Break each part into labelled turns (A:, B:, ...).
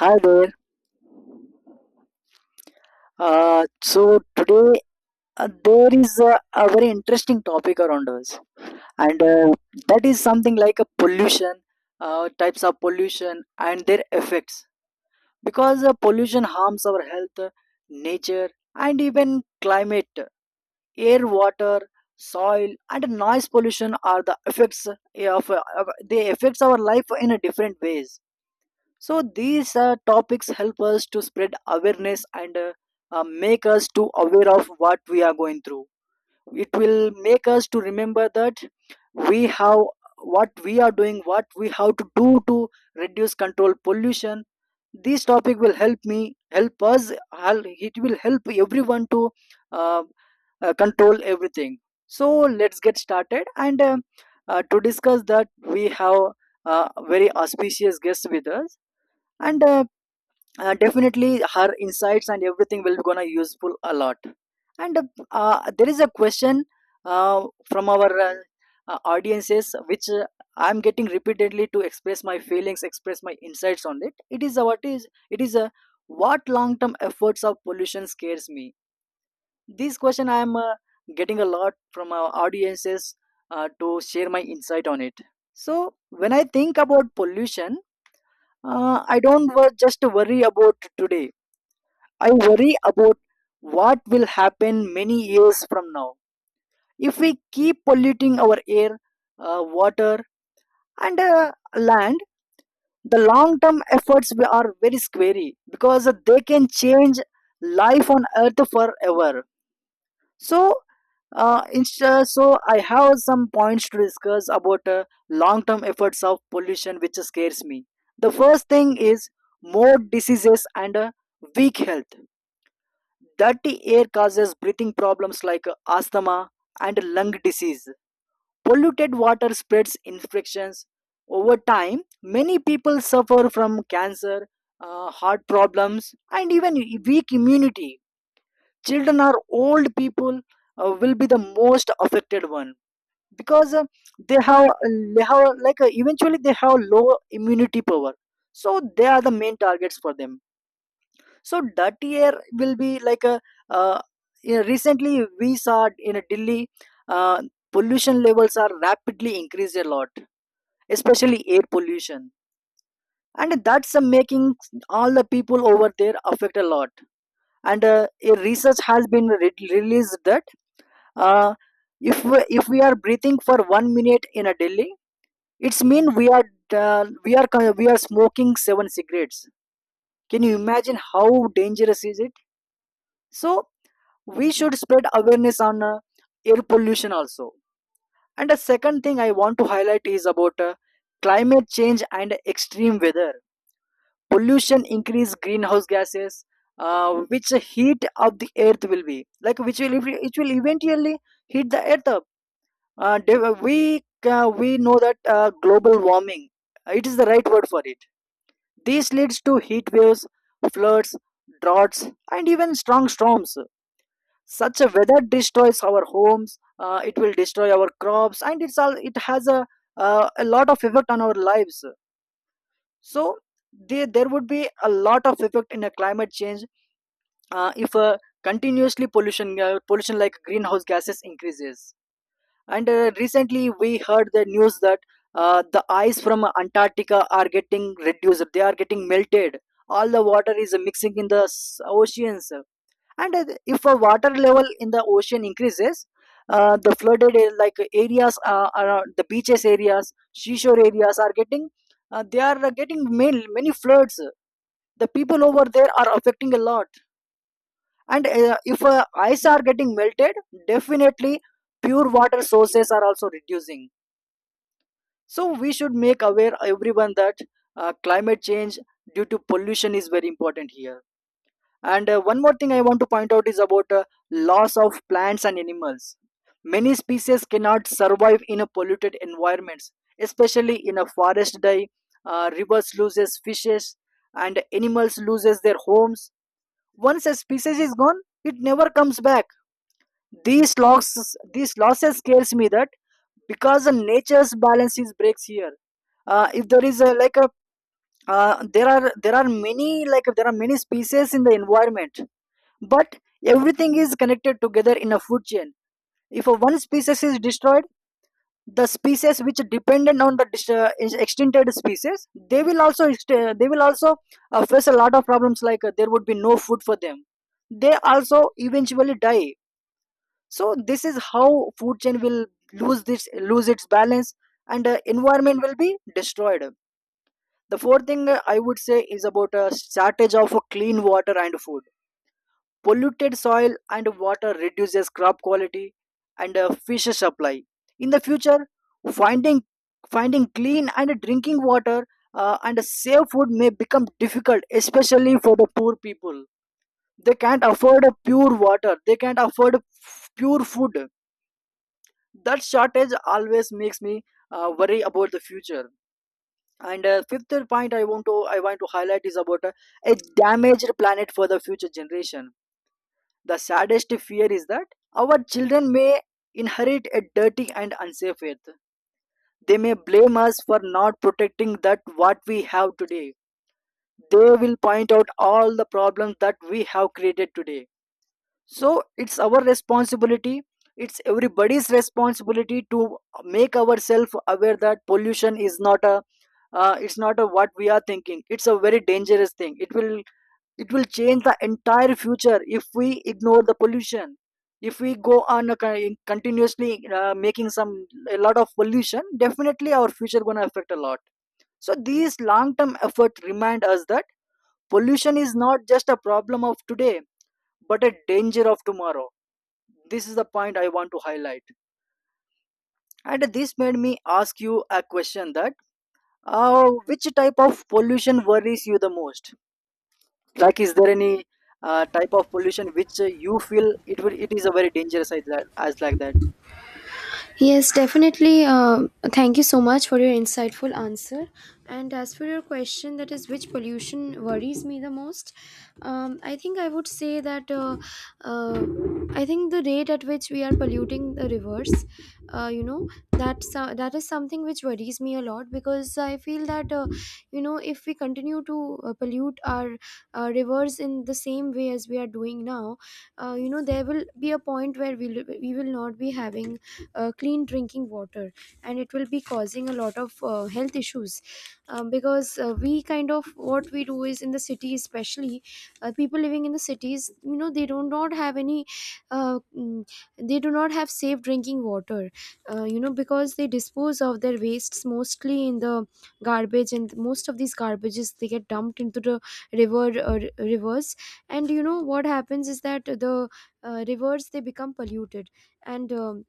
A: Hi there. So today there is a very interesting topic around us, and that is something like a pollution, types of pollution and their effects. Because pollution harms our health, nature, and even climate. Air, water, soil, and noise pollution are the effects of they affects our life in a different ways, so these topics help us to spread awareness and make us to aware of what we are going through. It will make us to remember that we have what we are doing, what we have to do to reduce control pollution. This topic will help me, help us, it will help everyone to uh, control everything. So let's get started and to discuss that we have a very auspicious guest with us, and definitely her insights and everything will be gonna useful a lot. And There is a question from our audiences which I'm getting repeatedly to express my feelings, express my insights on it. It is what is it is, what long term efforts of pollution scares me. This question I am getting a lot from our audiences to share my insight on it. So when I think about pollution, I don't just worry about today. I worry about what will happen many years from now if we keep polluting our air, water, and land. The long-term efforts we are very scary because they can change life on Earth forever. So, so I have some points to discuss about long-term efforts of pollution, which scares me. The first thing is more diseases and weak health. Dirty air causes breathing problems like asthma and lung disease. Polluted water spreads infections. Over time, many people suffer from cancer, heart problems, and even weak immunity. Children or old people will be the most affected one, because they they have like eventually they have low immunity power. So they are the main targets for them. So dirty air will be like a uh, you know, recently we saw in Delhi uh, pollution levels are rapidly increased a lot, especially air pollution, and that's making all the people over there affect a lot. And a research has been released that uh, if we are breathing for 1 minute in a Delhi, it's mean we are we are smoking seven cigarettes. Can you imagine how dangerous is it? So we should spread awareness on air pollution also. And the second thing I want to highlight is about climate change and extreme weather. Pollution increase greenhouse gases, which heat up the earth, will be like which will, it will eventually heat the earth up. We know that global warming, it is the right word for it. This leads to heat waves, floods, droughts, and even strong storms. Such a weather destroys our homes, it will destroy our crops, and it's all, it has a lot of effect on our lives. So there would be a lot of effect in a climate change, if continuously pollution like greenhouse gases increases. And recently we heard the news that the ice from Antarctica are getting reduced, they are getting melted. All the water is mixing in the oceans. And if a water level in the ocean increases, the flooded like areas around the beaches areas, seashore areas are getting, they are getting many, many floods. The people over there are affecting a lot. And if ice are getting melted, definitely pure water sources are also reducing. So we should make aware everyone that climate change due to pollution is very important here. And one more thing I want to point out is about loss of plants and animals. Many species cannot survive in a polluted environments, especially in a forest die. Rivers loses fishes, and animals loses their homes. Once a species is gone, it never comes back. These losses scares me, that because the nature's balance is breaks here. If there is a, like a There are there are many, like there are many species in the environment, but everything is connected together in a food chain. If a one species is destroyed, the species which are dependent on the is extincted species, they will also they will also face a lot of problems, like there would be no food for them, they also eventually die. So this is how food chain will lose its balance, and environment will be destroyed. The fourth thing I would say is about a shortage of clean water and food. Polluted soil and water reduces crop quality and fish supply. In the future, finding finding clean and drinking water and safe food may become difficult, especially for the poor people. They can't afford a pure water, they can't afford pure food. That shortage always makes me worry about the future. And fifth point, I want to highlight is about a damaged planet for the future generation. The saddest fear is that our children may inherit a dirty and unsafe earth. They may blame us for not protecting that what we have today. They will point out all the problems that we have created today. So it's our responsibility. It's everybody's responsibility to make ourselves aware that pollution is not a it's not a, what we are thinking, it's a very dangerous thing. It will, it will change the entire future if we ignore the pollution. If we go on a continuously making some a lot of pollution, definitely our future going to affect a lot. So these long term efforts remind us that pollution is not just a problem of today, but a danger of tomorrow. This is the point I want to highlight. And this made me ask you a question that which type of pollution worries you the most, like is there any type of pollution which you feel it will, it is a very dangerous as like that.
B: Yes, definitely. Thank you so much for your insightful answer. And as for your question, that is, which pollution worries me the most? I think I would say that uh, I think the rate at which we are polluting the rivers, that is something which worries me a lot because I feel that if we continue to pollute our rivers in the same way as we are doing now, there will be a point where we will not be having clean drinking water, and it will be causing a lot of health issues because we kind of what we do is in the city especially. People living in the cities, you know, they do not have any uh, mm, they do not have safe drinking water, because they dispose of their wastes mostly in the garbage, and most of these garbages they get dumped into the rivers. And you know what happens is that the rivers, they become polluted. And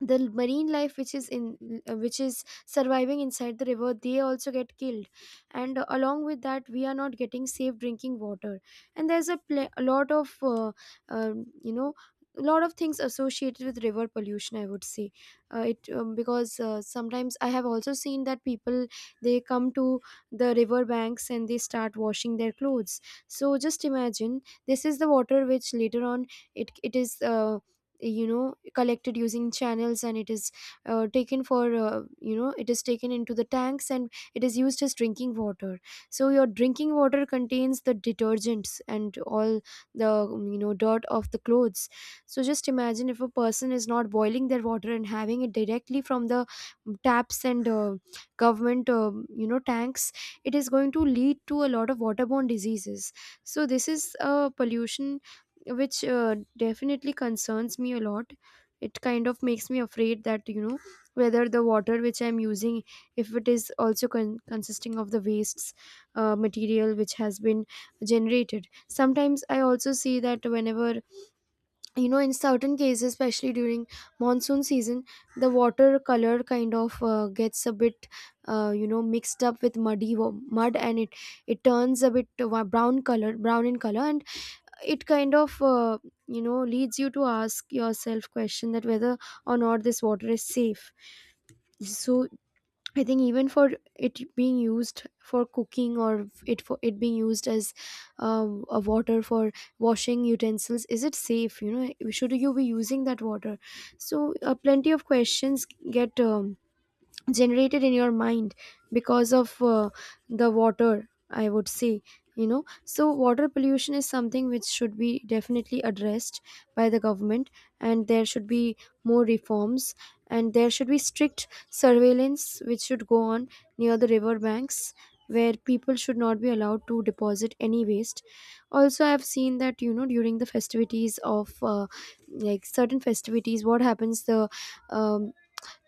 B: the marine life which is in which is surviving inside the river, they also get killed. And along with that we are not getting safe drinking water. And a lot of um, you know a lot of things associated with river pollution, I would say. It Because sometimes I have also seen that people, they come to the river banks and they start washing their clothes. So just imagine, this is the water which later on, it is collected using channels, and it is taken for it is taken into the tanks and it is used as drinking water. So your drinking water contains the detergents and all the dirt of the clothes. So just imagine, if a person is not boiling their water and having it directly from the taps and government tanks, it is going to lead to a lot of waterborne diseases. So this is a pollution which definitely concerns me a lot. It kind of makes me afraid that, you know, whether the water which I'm using, if it is also consisting of the wastes, material which has been generated. Sometimes I also see that whenever, you know, in certain cases, especially during monsoon season, the water color kind of gets a bit mixed up with mud, and it turns a bit brown color, brown in color. And it kind of leads you to ask yourself question that whether or not this water is safe. So I think, even for it being used for cooking, or it being used as a water for washing utensils, is it safe? You know, should you be using that water? So plenty of questions get generated in your mind because of the water, I would say. You know, so water pollution is something which should be definitely addressed by the government, and there should be more reforms, and there should be strict surveillance which should go on near the river banks, where people should not be allowed to deposit any waste. Also, I have seen that, you know, during the festivities of like certain festivities, what happens, um,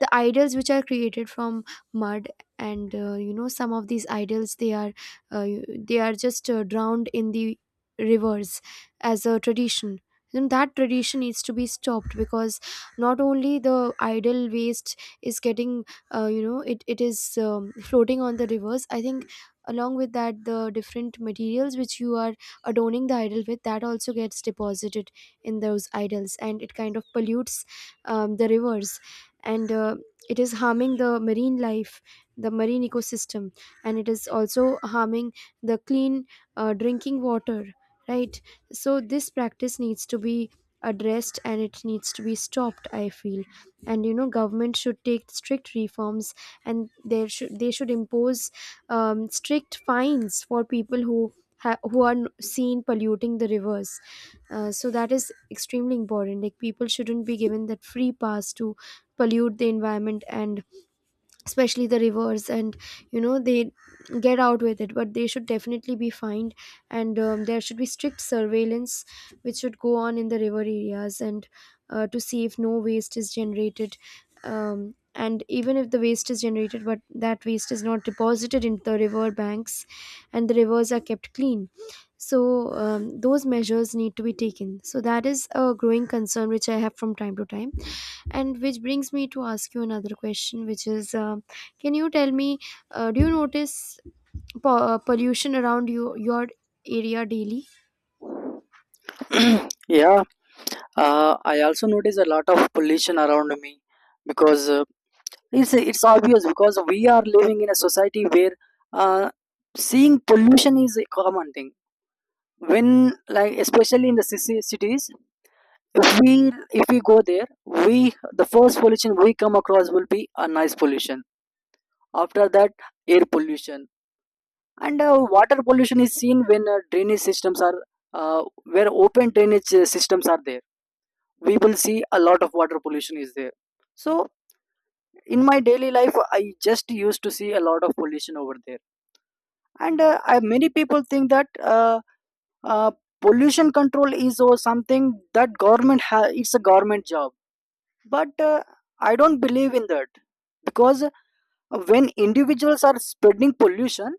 B: the idols which are created from mud, and some of these idols, uh, they are just drowned in the rivers as a tradition. Then that tradition needs to be stopped, because not only the idol waste is getting it is floating on the rivers, I think. Along with that, the different materials which you are adorning the idol with, that also gets deposited in those idols, and it kind of pollutes the rivers. And it is harming the marine life, the marine ecosystem, and it is also harming the clean drinking water, right? So this practice needs to be addressed and it needs to be stopped, I feel. And, you know, government should take strict reforms, and there should they should impose strict fines for people who seen polluting the rivers. So that is extremely important. Like, people shouldn't be given that free pass to pollute the environment, and especially the rivers, and, you know, they get out with it, but they should definitely be fined. And there should be strict surveillance which should go on in the river areas, and to see if no waste is generated, and even if the waste is generated, but that waste is not deposited into the river banks, and the rivers are kept clean. So those measures need to be taken. So that is a growing concern which I have from time to time. And which brings me to ask you another question, which is, can you tell me, do you notice pollution around you, your area, daily?
A: Yeah, I also notice a lot of pollution around me, because it's obvious, because we are living in a society where uh, seeing pollution is a common thing. When, like especially in the cities, if we, if we go there, we, the first pollution we come across will be a noise pollution. After that, air pollution. And water pollution is seen when drainage systems are where open drainage systems are there, we will see a lot of water pollution is there. So in my daily life I just used to see a lot of pollution over there. And many people think that uh, pollution control is or something that government it's a government job. But I don't believe in that, because when individuals are spreading pollution,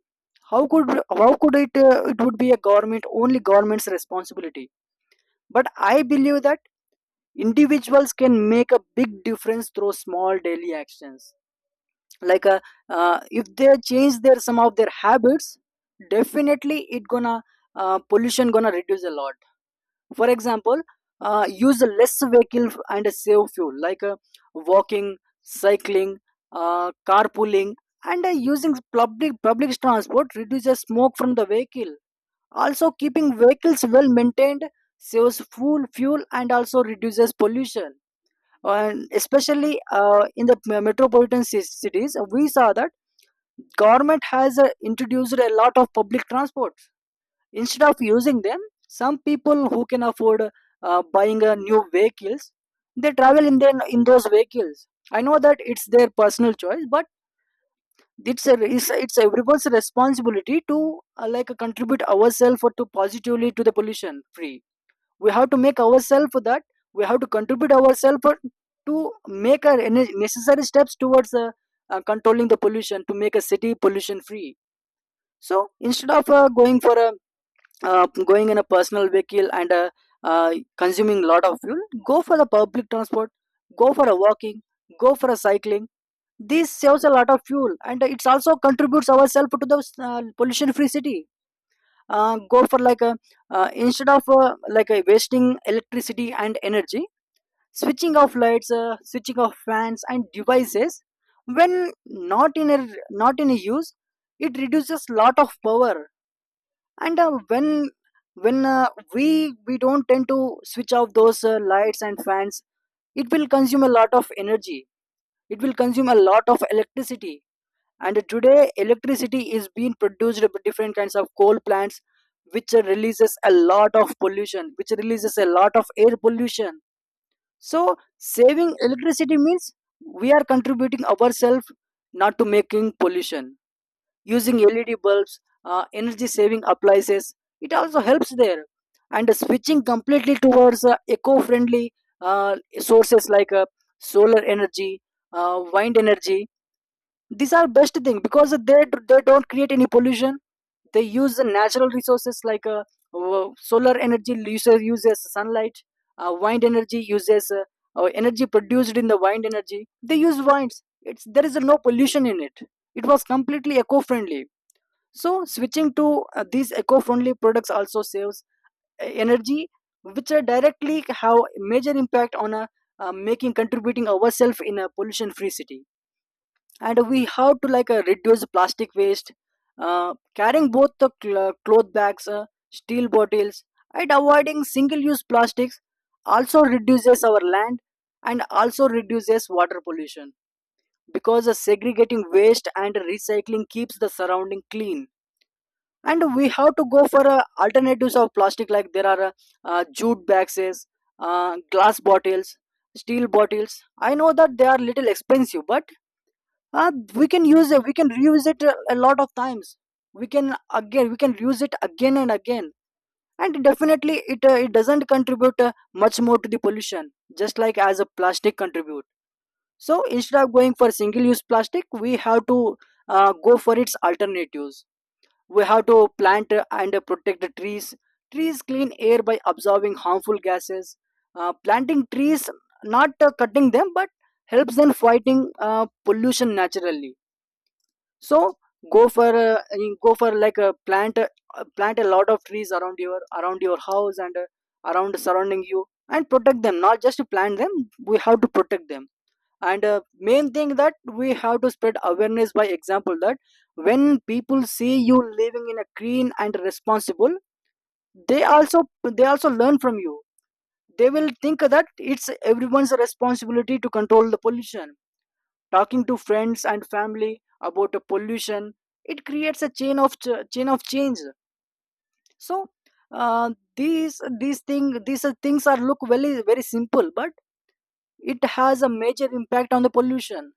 A: how could it it would be a government, only government's responsibility. But I believe that individuals can make a big difference through small daily actions. Like if they change their, some of their habits, definitely it gonna pollution gonna reduce a lot. For example, use less vehicle and save fuel, like walking, cycling, carpooling, and using public transport reduces smoke from the vehicle. Also keeping vehicles well maintained saves fuel and also reduces pollution. And especially in the metropolitan cities, we saw that government has introduced a lot of public transport. Instead of using them, some people who can afford buying a new vehicles, they travel in those vehicles. I know that it's their personal choice, but it's everyone's responsibility to like contribute ourselves to positively to the pollution free. We have to make ourselves that we have to contribute ourselves to make our necessary steps towards controlling the pollution to make a city pollution free. So instead of going in a personal vehicle and consuming lot of fuel, go for the public transport, go for a walking, go for a cycling. This saves a lot of fuel and it also contributes ourselves to the pollution free city. Go for like a Instead of like a wasting electricity and energy, switching off lights, switching off fans and devices when not in a not in a use, it reduces lot of power. And when we don't tend to switch off those lights and fans, it will consume a lot of energy, it will consume a lot of electricity. And today electricity is being produced by different kinds of coal plants, which releases a lot of pollution, which releases a lot of air pollution. So saving electricity means we are contributing ourselves not to making pollution, using LED bulbs, energy saving appliances. It also helps there. And switching completely towards eco friendly sources like solar energy, wind energy. These are best thing because they don't create any pollution. They use the natural resources like solar energy uses sunlight, wind energy uses energy produced in the wind energy. They use winds. There is no pollution in it. It was completely eco friendly. So switching to these eco-friendly products also saves energy, which are directly have major impact on making contributing ourselves in a pollution-free city. And we have to like reduce plastic waste, carrying both the cloth bags, steel bottles, and avoiding single-use plastics also reduces our land and also reduces water pollution because segregating waste and recycling keeps the surrounding clean. And we have to go for alternatives of plastic like there are jute bags, glass bottles, steel bottles. I know that they are little expensive, but we can use it, we can reuse it a lot of times. We can again we can use it again and again, and definitely it it doesn't contribute much more to the pollution just like as a plastic contribute. So instead of going for single use plastic, we have to go for its alternatives. We have to plant and protect the trees. Trees clean air by absorbing harmful gases. Planting trees, not cutting them, but helps them fighting pollution naturally. So go for go for like a plant a lot of trees around your house and around surrounding you, and protect them, not just to plant them, we have to protect them. And main thing that we have to spread awareness by example that when people see you living in a clean and responsible, they also, they also learn from you. They will think that it's everyone's responsibility to control the pollution. Talking to friends and family about the pollution, it creates a chain of chain of change. So uh, these things are look very very simple, but it has a major impact on the pollution.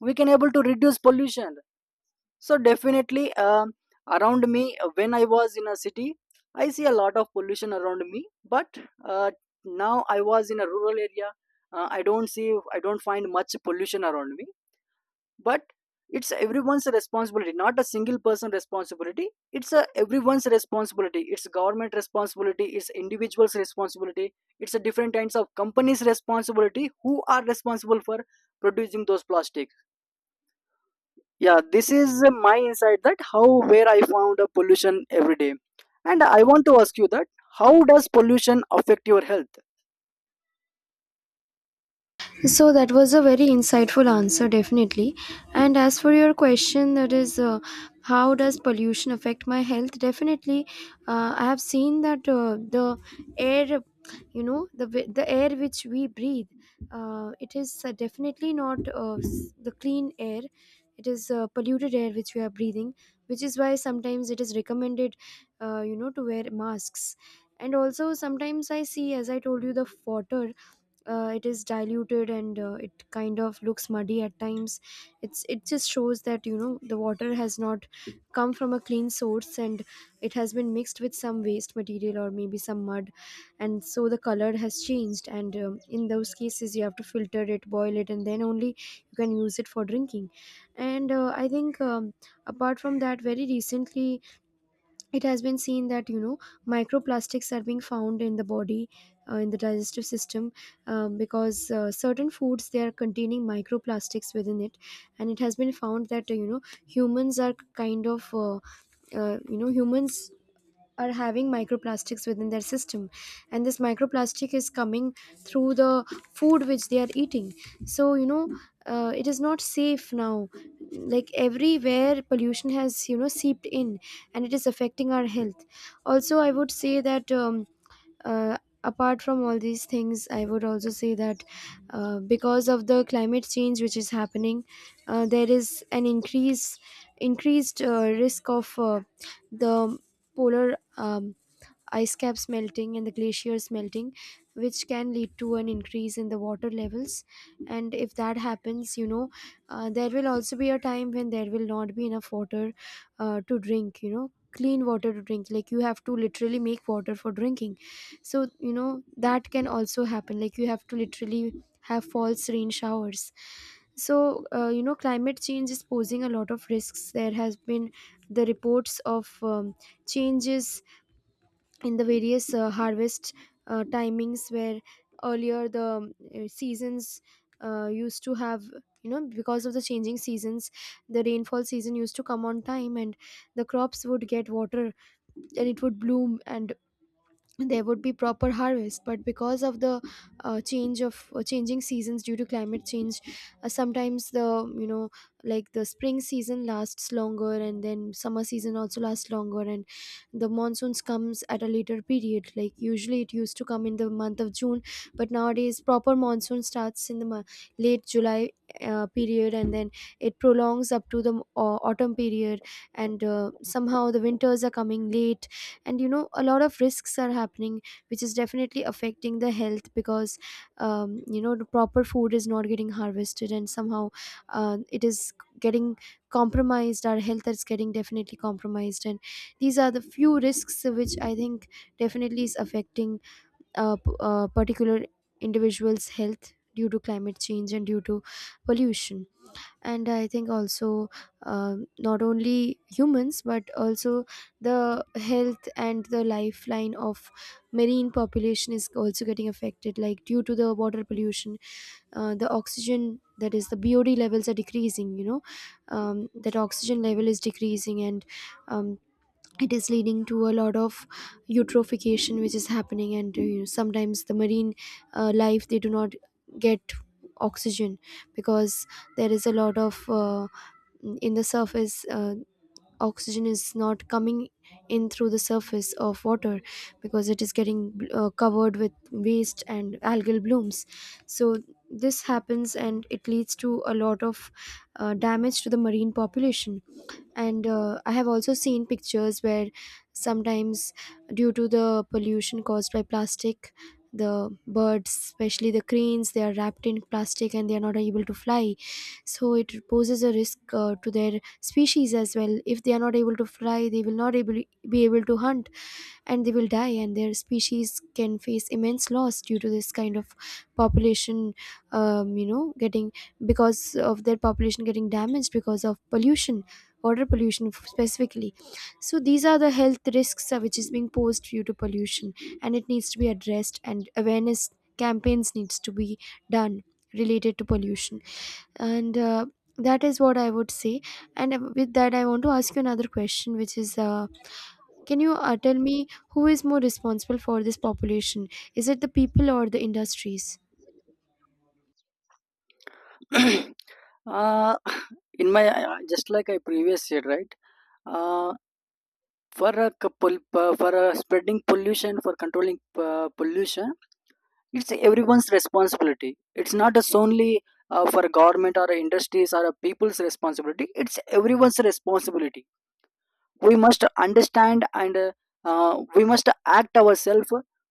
A: We can able to reduce pollution. So definitely, around me, when I was in a city, I see a lot of pollution around me, but uh, now I was in a rural area, I don't see, I don't find much pollution around me. But it's everyone's responsibility, not a single person responsibility, it's a everyone's responsibility, it's government responsibility, it's individuals responsibility, it's a different kinds of companies responsibility who are responsible for producing those plastic. Yeah, this is my insight that how where I found a pollution every day. And I want to ask you that how does pollution affect your health?
B: So that was a very insightful answer, definitely. And as for your question, that is, how does pollution affect my health? Definitely, I have seen that the air, you know, the air which we breathe, it is definitely not the clean air. It is polluted air which we are breathing, which is why sometimes it is recommended, to wear masks. And also sometimes I see, as I told you, the water, it is diluted, and it kind of looks muddy at times. It just shows that, you know, the water has not come from a clean source, and it has been mixed with some waste material or maybe some mud, and so the color has changed. And in those cases you have to filter it, boil it, and then only you can use it for drinking. And I think apart from that, very recently it has been seen that, you know, microplastics are being found in the body, in the digestive system, because certain foods, they are containing microplastics within it. And it has been found that, humans are kind of humans are having microplastics within their system. And this microplastic is coming through the food which they are eating. So, you know, it is not safe now, like everywhere pollution has, you know, seeped in, and it is affecting our health. Also, I would say that uh, apart from all these things, I would also say that because of the climate change which is happening, there is an increase increased risk of the polar ice caps melting and the glaciers melting, which can lead to an increase in the water levels. And if that happens, you know, there will also be a time when there will not be enough water to drink, you know, clean water to drink, like you have to literally make water for drinking. So, you know, that can also happen, like you have to literally have false rain showers. So climate change is posing a lot of risks. There has been the reports of changes in the various harvest timings, where earlier the seasons used to have, you know, because of the changing seasons, the rainfall season used to come on time, and the crops would get water, and it would bloom, and there would be proper harvest. But because of the change of changing seasons due to climate change, sometimes the, you know, like the spring season lasts longer, and then summer season also lasts longer, and the monsoons comes at a later period, like usually it used to come in the month of June, but nowadays proper monsoon starts in the late July period, and then it prolongs up to the autumn period. And somehow the winters are coming late. And, you know, a lot of risks are happening, which is definitely affecting the health, because you know, the proper food is not getting harvested, and somehow it is getting compromised. Our health is getting definitely compromised. And these are the few risks which I think definitely is affecting a particular individual's health due to climate change and due to pollution. And I think also not only humans but also the health and the lifeline of marine population is also getting affected, like due to the water pollution, the oxygen, that is the BOD levels are decreasing, you know, that oxygen level is decreasing, and um, it is leading to a lot of eutrophication. Which is happening and sometimes the marine life they do not get oxygen because there is a lot of in the surface, oxygen is not coming in through the surface of water because it is getting covered with waste and algal blooms. So this happens and it leads to a lot of damage to the marine population. And I have also seen pictures where sometimes, due to the pollution caused by plastic, the birds, especially the cranes, they are wrapped in plastic and they are not able to fly. So it poses a risk to their species as well. If they are not able to fly, they will not able be able to hunt and they will die, and their species can face immense loss due to this kind of population, getting, because of their population getting damaged because of pollution, water pollution specifically. So these are the health risks which is being posed due to pollution, and it needs to be addressed, and awareness campaigns needs to be done related to pollution. And that is what I would say. And with that, I want to ask you another question, which is, can you tell me, who is more responsible for this population? Is it the people or the industries?
A: uh, in my, just like I previous said, right, uh, for a couple p- for spreading pollution, for controlling pollution, it's everyone's responsibility. It's not just only for government or industries or a people's responsibility, it's everyone's responsibility. We must understand and we must act ourselves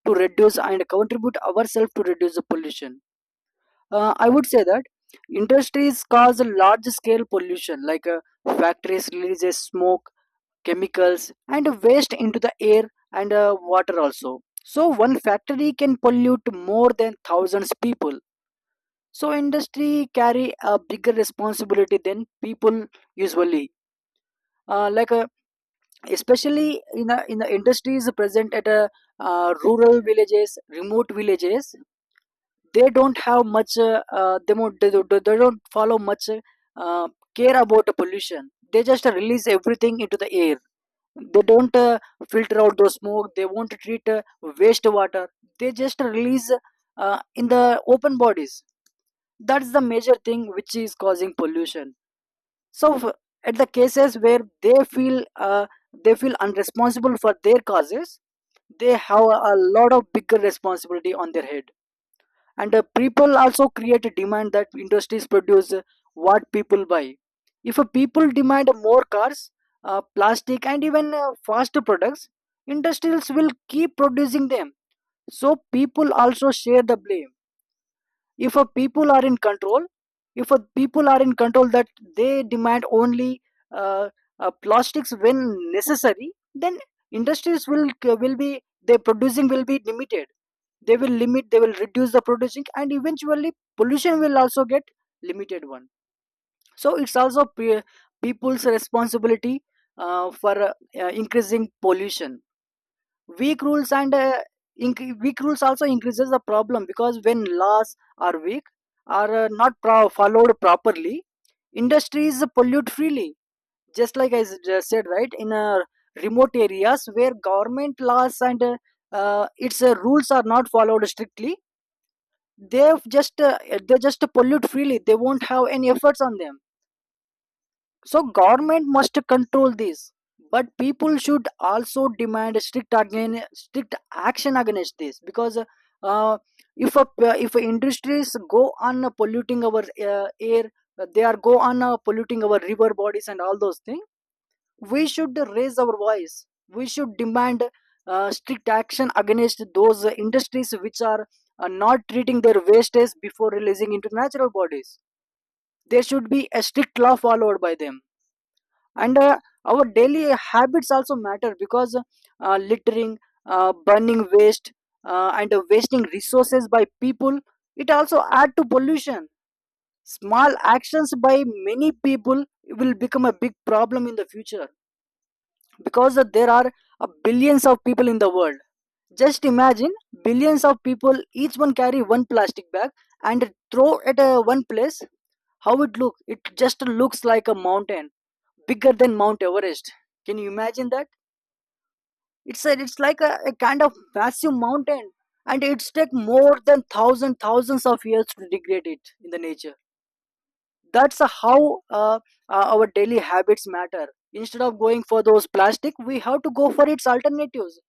A: to reduce and contribute ourselves to reduce the pollution. I would say that industries cause a large scale pollution like factories releases smoke, chemicals, and waste into the air and water also. So one factory can pollute more than thousands people. So industry carry a bigger responsibility than people usually. uh, like uh, Especially in the industries present at rural villages, remote villages, they don't have much they don't follow much uh, care about the pollution. They just release everything into the air. They don't filter out those smoke, they won't treat waste water, they just release in the open bodies. That's the major thing which is causing pollution. So at the cases where they feel unresponsible for their causes, they have a lot of bigger responsibility on their head. And people also create a demand that industries produce what people buy. If people demand more cars, plastic, and even faster products, industries will keep producing them. So people also share the blame. If a people are in control, if a people are in control that they demand only uh, plastics when necessary, then industries will be their producing will be limited. They will limit, they will reduce the producing, and eventually pollution will also get limited one. So it's also people's responsibility for increasing pollution. Weak rules and weak rules also increases the problem, because when laws are weak are not followed properly, industries pollute freely. Just like I just said, right, in remote areas where government laws and its rules are not followed strictly, they just uh, they just pollute freely, they won't have any efforts on them. So government must control this, but people should also demand strict, again, strict action against this because uh, if a, if industries go on polluting our air, they are go on polluting our river bodies and all those things. We should raise our voice. We should demand strict action against those industries which are not treating their wastes before releasing into natural bodies. There should be a strict law followed by them. And our daily habits also matter, because littering, burning waste, and wasting resources by people, it also add to pollution. Small actions by many people will become a big problem in the future, because there are billions of people in the world. Just imagine billions of people each one carry one plastic bag and throw at one place, how it look? It just looks like a mountain, bigger than Mount Everest. Can you imagine that? It's a, it's like a kind of massive mountain, and it's take more than thousands of years to degrade it in the nature. That's how uh, our daily habits matter. Instead of going for those plastic, we have to go for its alternatives.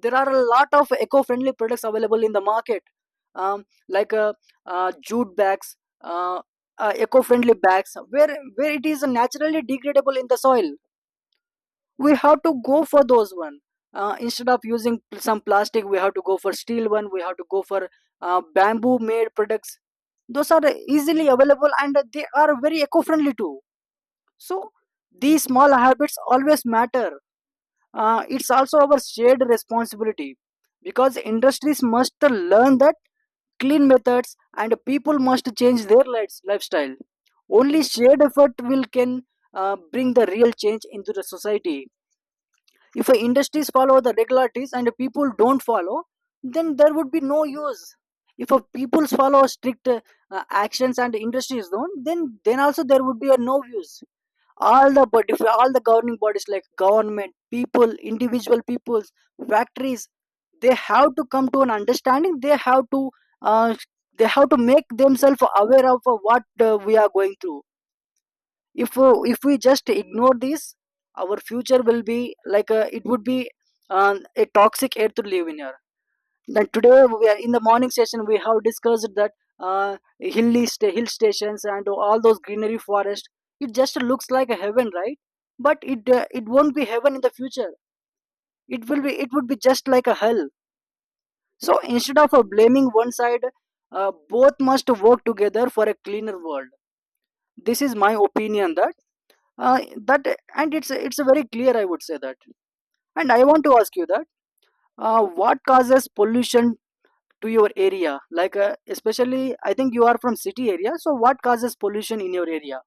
A: There are a lot of eco-friendly products available in the market. um, like uh, Jute bags, uh, eco-friendly bags where it is naturally degradable in the soil, we have to go for those one. Instead of using some plastic, we have to go for steel one, we have to go for bamboo made products. Those are easily available and they are very eco-friendly too. So these small habits always matter. It's also our shared responsibility, because industries must learn that clean methods, and people must change their lifestyle. Only shared effort will can bring the real change into the society. If industries follow the regularities and people don't follow, then there would be no use. If people follow strict actions and industries don't, then also there would be a no use. All the body, all the governing bodies like government, people, individual peoples, factories, they have to come to an understanding, uh, they have to make themselves aware of what we are going through. If if we just ignore this, our future will be like it would be a toxic air to live in here. Like today, we are, in the morning session, we have discussed that hill stations and all those greenery forest. It just looks like a heaven, right? But it won't be heaven in the future. It will be, it would be just like a hell. So instead of blaming one side, both must work together for a cleaner world. This is my opinion that uh, that and it's very clear, I would say that. And I want to ask you that what causes pollution to your area, like especially I think you are from city area, so what causes pollution in your area?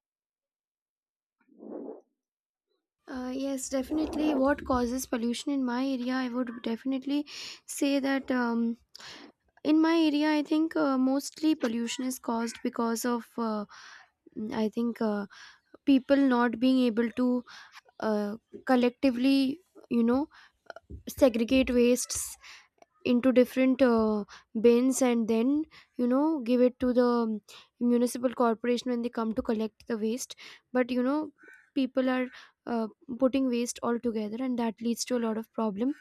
B: Yes, definitely. What causes pollution in my area? I would definitely say that, in my area, I think mostly pollution is caused because of, I think, people not being able to uh, collectively, you know, segregate wastes into different bins and then, you know, give it to the municipal corporation when they come to collect the waste. But you know, people are uh, putting waste all together and that leads to a lot of problem.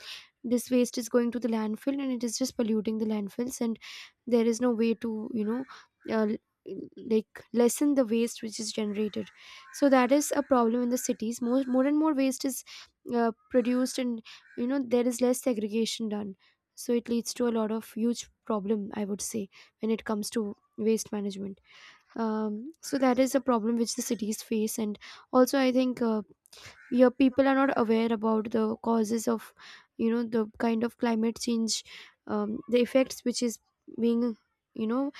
B: This waste is going to the landfill and it is just polluting the landfills, and there is no way to, you know, uh, l- like, lessen the waste which is generated. So that is a problem in the cities. More and more waste is produced and, you know, there is less segregation done, so it leads to a lot of huge problem, I would say, when it comes to waste management. So that is a problem which the cities face. And also I think, yeah, people are not aware about the causes of, you know, the kind of climate change, the effects which is being, you know,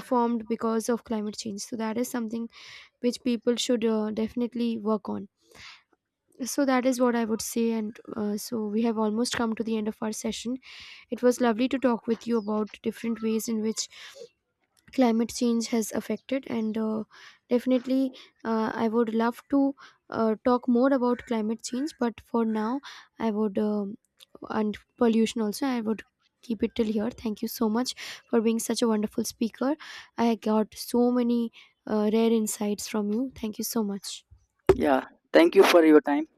B: formed because of climate change. So that is something which people should definitely work on. So that is what I would say. And so we have almost come to the end of our session. It was lovely to talk with you about different ways in which climate change has affected, and definitely I would love to talk more about climate change, but for now, I would and pollution also, I would — keep it till here. Thank you so much for being such a wonderful speaker. I got so many rare insights from you. Thank you so much.
A: Yeah, thank you for your time.